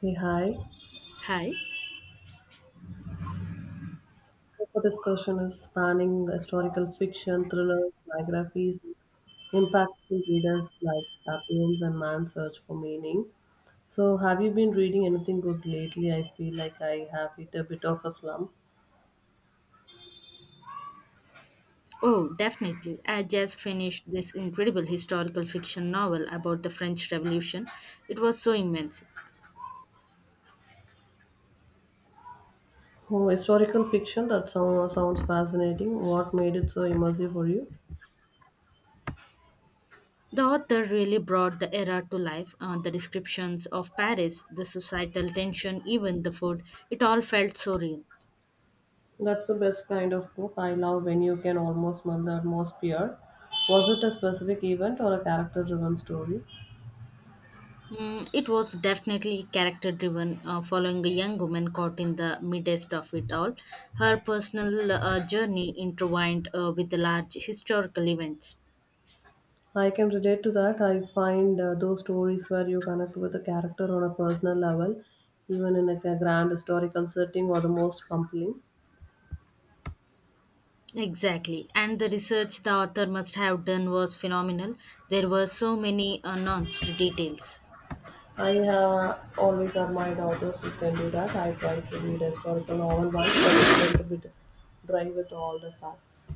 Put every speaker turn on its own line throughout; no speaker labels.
Hey, hi.
Hi.
Our discussion is spanning historical fiction, thrillers, biographies, and impacting readers like *Sapiens* and *Man's Search for Meaning*. So, have you been reading anything good lately? I feel like I have hit a bit of a slump.
Oh, definitely. I just finished this incredible historical fiction novel about the French Revolution. It was so immense.
Oh, historical fiction, sounds fascinating. What made it so immersive for you?
The author really brought the era to life. The descriptions of Paris, the societal tension, even the food, it all felt so real.
That's the best kind of book. I love when you can almost smell almost peer. Was it a specific event or a character driven story?
It was definitely character driven, following a young woman caught in the midst of it all. Her personal journey intertwined with the large historical events.
I can relate to that. I find those stories where you connect with a character on a personal level, even in like, a, grand historical setting, are the most compelling.
Exactly. And the research the author must have done was phenomenal. There were so many announced details.
I always admired authors who can do that. I try to read historical novel once, but it went a bit dry with all the facts.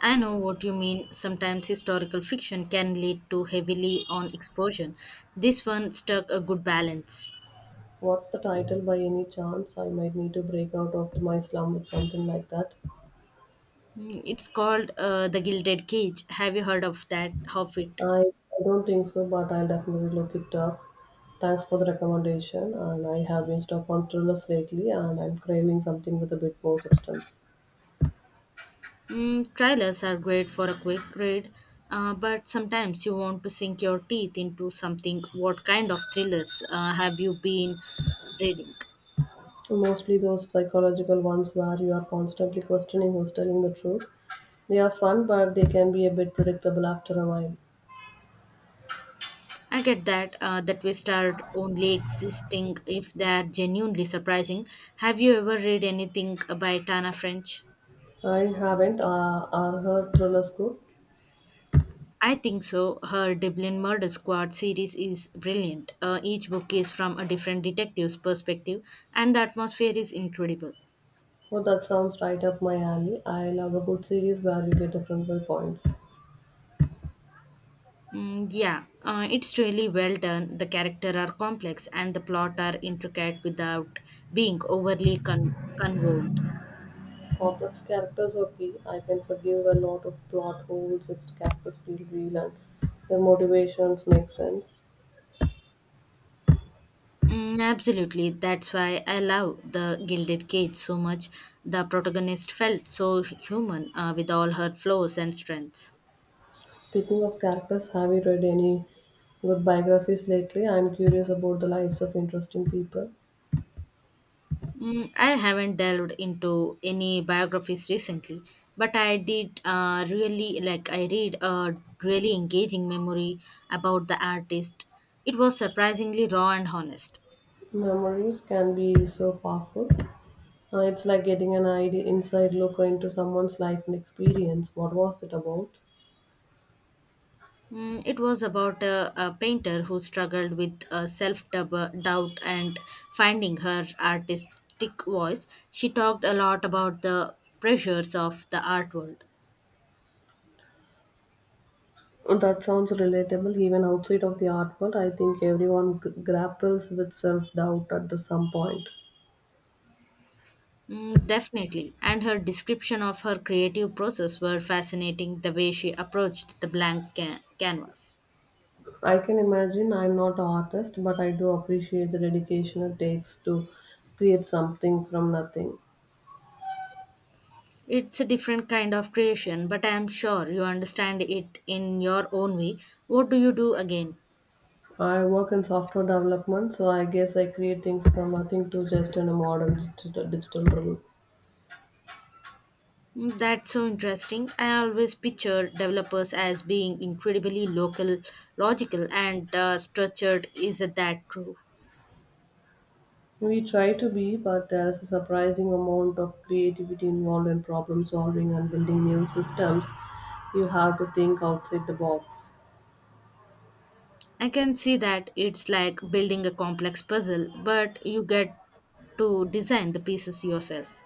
I know what you mean. Sometimes historical fiction can lead to heavily on exposure. This one struck a good balance.
What's the title by any chance? I might need to break out of my slum with something like that.
It's called The Gilded Cage. Have you heard of that? Of it?
I don't think so, but I'll definitely look it up. Thanks for the recommendation. And I have been stuck on thrillers lately, and I'm craving something with a bit more substance.
Trailers are great for a quick read, but sometimes you want to sink your teeth into something. What kind of thrillers have you been reading?
Mostly those psychological ones where you are constantly questioning who's telling the truth. They are fun, but they can be a bit predictable after a while.
I get that we start only existing if they are genuinely surprising. Have you ever read anything by Tana French?
I haven't, are heard thrillers good.
I think so. Her Dublin Murder Squad series is brilliant. Each book is from a different detective's perspective, and the atmosphere is incredible.
Oh, that sounds right up my alley. I love a good series where you get different viewpoints.
Mm, yeah, it's really well done. The characters are complex and the plot are intricate without being overly convolved.
Complex characters, okay. I can forgive a lot of plot holes if characters feel real and their motivations make sense.
Mm, absolutely. That's why I love the Gilded Cage so much. The protagonist felt so human with all her flaws and strengths.
Speaking of characters, have you read any good biographies lately? I'm curious about the lives of interesting people.
I haven't delved into any biographies recently, but I did really like I read a really engaging memory about the artist. It was surprisingly raw and honest.
Memories can be so powerful. It's like getting an idea inside look into someone's life and experience. What was it about?
It was about a painter who struggled with self doubt and finding her artistic voice. She talked a lot about the pressures of the art world.
Oh, that sounds relatable even outside of the art world. I think everyone grapples with self doubt at the some point.
Mm, definitely. And her description of her creative process were fascinating the way she approached the blank canvas.
I can imagine. I'm not an artist, but I do appreciate the dedication it takes to create something from nothing.
It's a different kind of creation, but I am sure you understand it in your own way. What do you do again?
I work in software development, so I guess I create things from nothing to just in a modern digital world.
That's so interesting. I always picture developers as being incredibly local, logical, and structured. Is that true?
We try to be, but there is a surprising amount of creativity involved in problem solving and building new systems. You have to think outside the box.
I can see that it's like building a complex puzzle, but you get to design the pieces yourself.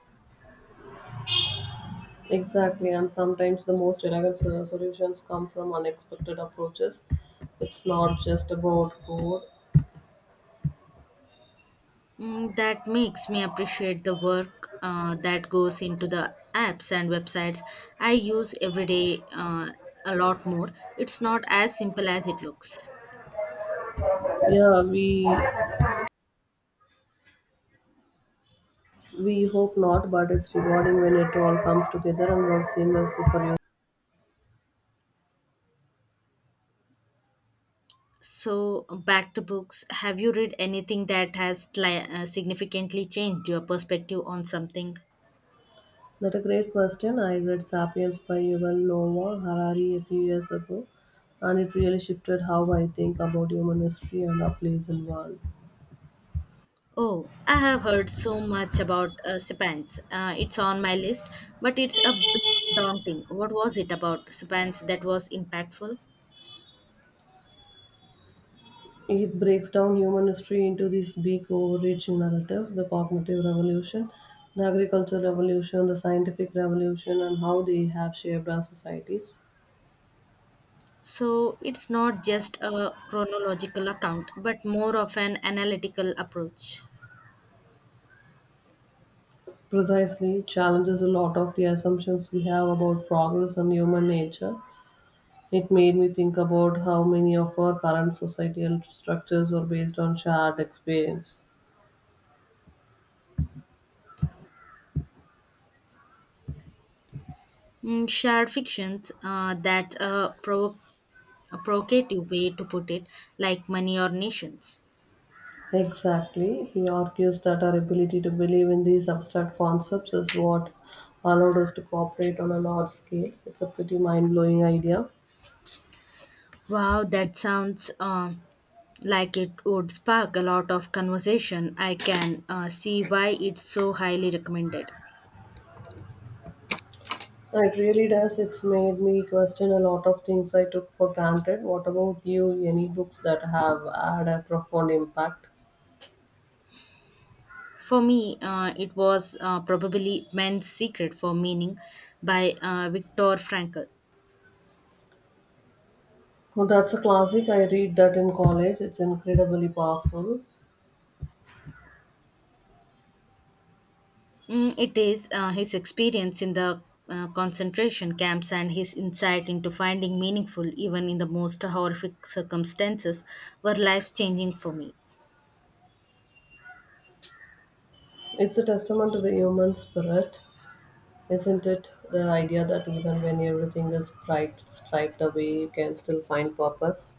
Exactly, and sometimes the most elegant solutions come from unexpected approaches. It's not just about code.
That makes me appreciate the work that goes into the apps and websites I use every day a lot more. It's not as simple as it looks.
Yeah, we hope not, but it's rewarding when it all comes together and works seamlessly for you.
So, back to books. Have you read anything that has significantly changed your perspective on something?
That's a great question. I read *Sapiens* by Yuval Noah Harari a few years ago, and it really shifted how I think about human history and our place in world.
Oh, I have heard so much about Spans. It's on my list, but it's a bit daunting. What was it about Spans that was impactful?
It breaks down human history into these big overreaching narratives: the cognitive revolution, the agricultural revolution, the scientific revolution, and how they have shaped our societies.
So, it's not just a chronological account, but more of an analytical approach.
Precisely, challenges a lot of the assumptions we have about progress and human nature. It made me think about how many of our current societal structures are based on shared experience.
Mm, shared fictions, that's a provocative way to put it, like money or nations.
Exactly. He argues that our ability to believe in these abstract concepts is what allowed us to cooperate on a large scale. It's a pretty mind blowing idea.
Wow, that sounds like it would spark a lot of conversation. I can see why it's so highly recommended.
It really does. It's made me question a lot of things I took for granted. What about you? Any books that have had a profound impact?
For me, it was probably Man's Secret for Meaning by Viktor Frankl.
Well, that's a classic. I read that in college. It's incredibly powerful.
It is his experience in the concentration camps and his insight into finding meaningful even in the most horrific circumstances were life changing for me.
It's a testament to the human spirit. Isn't it the idea that even when everything is striped away, you can still find purpose?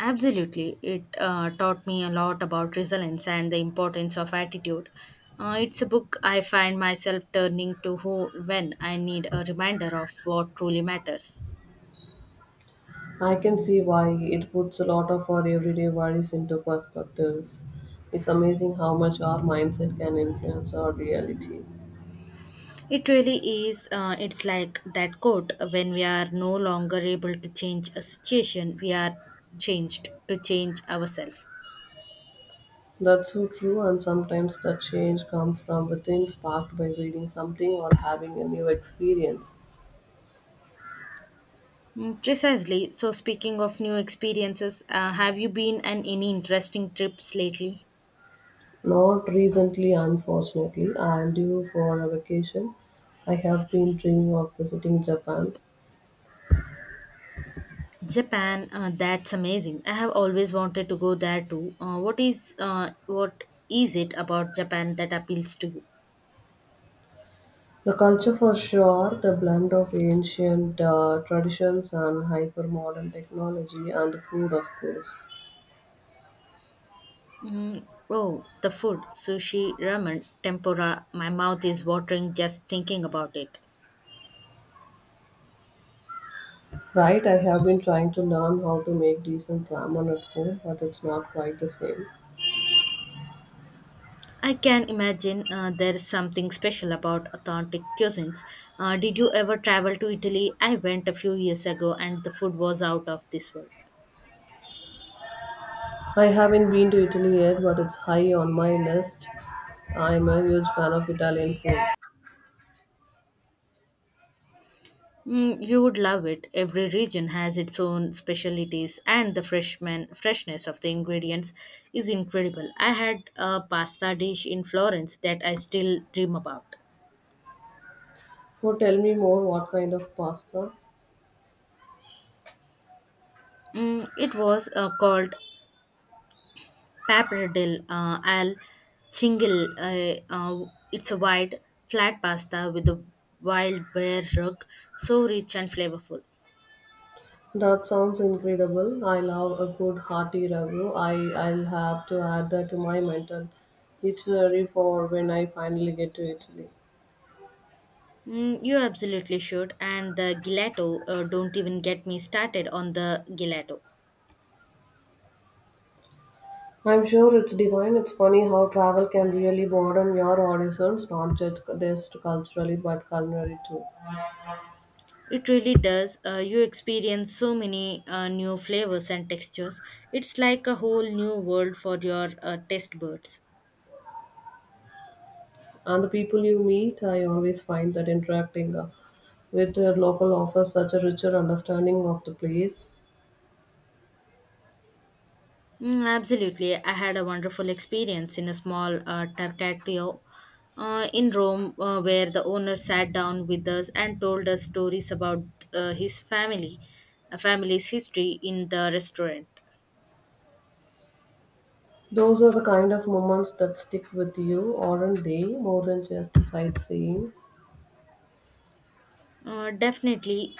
Absolutely. It taught me a lot about resilience and the importance of attitude. It's a book I find myself turning to who when I need a reminder of what truly matters.
I can see why it puts a lot of our everyday worries into perspectives. It's amazing how much our mindset can influence our reality.
It really is, it's like that quote when we are no longer able to change a situation, we are changed to change ourselves.
That's so true, and sometimes the change comes from within, sparked by reading something or having a new experience.
Mm, precisely. So, speaking of new experiences, have you been on any interesting trips lately?
Not recently, unfortunately. I am due for a vacation. I have been dreaming of visiting Japan.
Japan, that's amazing. I have always wanted to go there too. What is it about Japan that appeals to you?
The culture for sure, the blend of ancient traditions and hyper-modern technology, and the food of course.
Mm, oh, the food, sushi, ramen, tempura. My mouth is watering just thinking about it.
Right, I have been trying to learn how to make decent ramen at home, but it's not quite the same.
I can imagine there is something special about authentic cuisines. Did you ever travel to Italy? I went a few years ago and the food was out of this world.
I haven't been to Italy yet, but it's high on my list. I'm a huge fan of Italian food.
Mm, you would love it. Every region has its own specialities, and the freshman freshness of the ingredients is incredible. I had a pasta dish in Florence that I still dream about.
So tell me more, what kind of pasta?
It was called pappardelle al cinghiale. It's a wide, flat pasta with a wild bear rug, so rich and flavorful.
That sounds incredible. I love a good hearty ragu. I'll have to add that to my mental itinerary for when I finally get to Italy.
Mm, you absolutely should. And the gelato, don't even get me started on the gelato.
I'm sure it's divine. It's funny how travel can really broaden your horizons, not just culturally but culinary too.
It really does. You experience so many new flavors and textures. It's like a whole new world for your taste buds.
And the people you meet, I always find that interacting with the local offers such a richer understanding of the place.
Mm, absolutely. I had a wonderful experience in a small Tarcatio in Rome where the owner sat down with us and told us stories about uh, his family, family's history in the restaurant.
Those are the kind of moments that stick with you, aren't they? More than just sightseeing.
Definitely,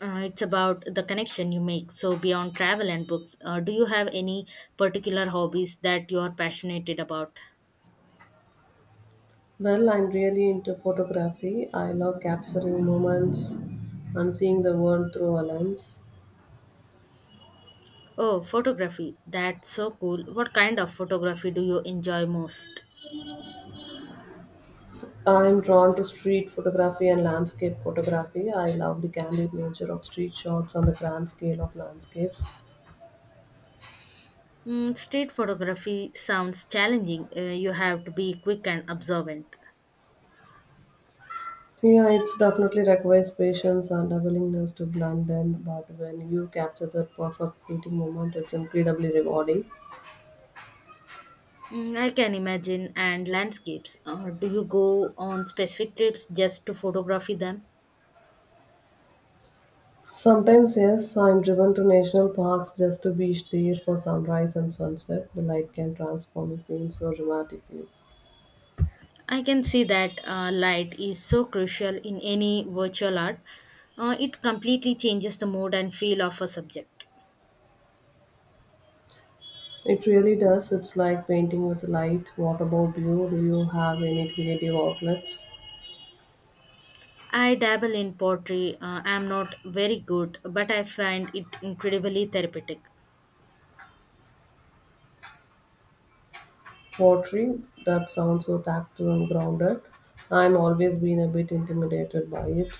it's about the connection you make. So, beyond travel and books, do you have any particular hobbies that you are passionate about?
Well, I'm really into photography. I love capturing moments and seeing the world through a lens.
Oh, photography. That's so cool. What kind of photography do you enjoy most?
I'm drawn to street photography and landscape photography. I love the candid nature of street shots on the grand scale of landscapes.
Mm, street photography sounds challenging. You have to be quick and observant.
Yeah, it's definitely requires patience and a willingness to blend in, but when you capture that perfect fleeting moment, it's incredibly rewarding.
Mm, I can imagine. And landscapes. Do you go on specific trips just to photography them?
Sometimes, yes, I'm driven to national parks just to be there for sunrise and sunset. The light can transform a scene so dramatically.
I can see that light is so crucial in any virtual art. It completely changes the mood and feel of a subject.
It really does. It's like painting with light. What about you? Do you have any creative outlets?
I dabble in pottery. I am not very good, but I find it incredibly therapeutic.
Pottery? That sounds so tactile and grounded. I'm always been a bit intimidated by it.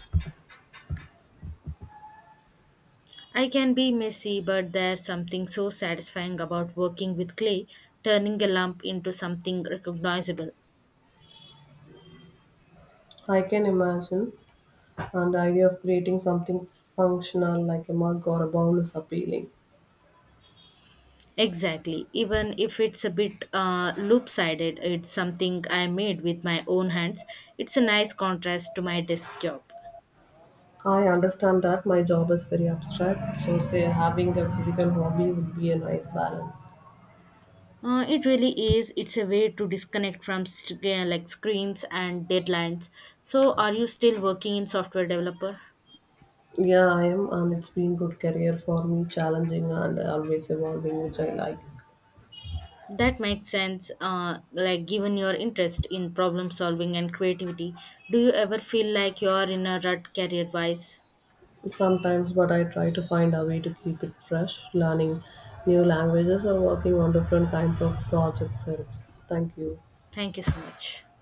I can be messy, but there's something so satisfying about working with clay, turning a lump into something recognizable.
I can imagine, and the idea of creating something functional like a mug or a bowl is appealing.
Exactly. Even if it's a bit loop-sided, it's something I made with my own hands. It's a nice contrast to my desk job.
I understand that my job is very abstract, so say having a physical hobby would be a nice balance.
It really is. It's a way to disconnect from like screens and deadlines. So, are you still working in software developer?
Yeah, I am, and it's been good career for me, challenging and always evolving, which I like.
That makes sense. Like given your interest in problem solving and creativity, do you ever feel like you are in a rut career-wise?
Sometimes, but I try to find a way to keep it fresh, learning new languages or working on different kinds of projects helps. Thank you.
Thank you so much.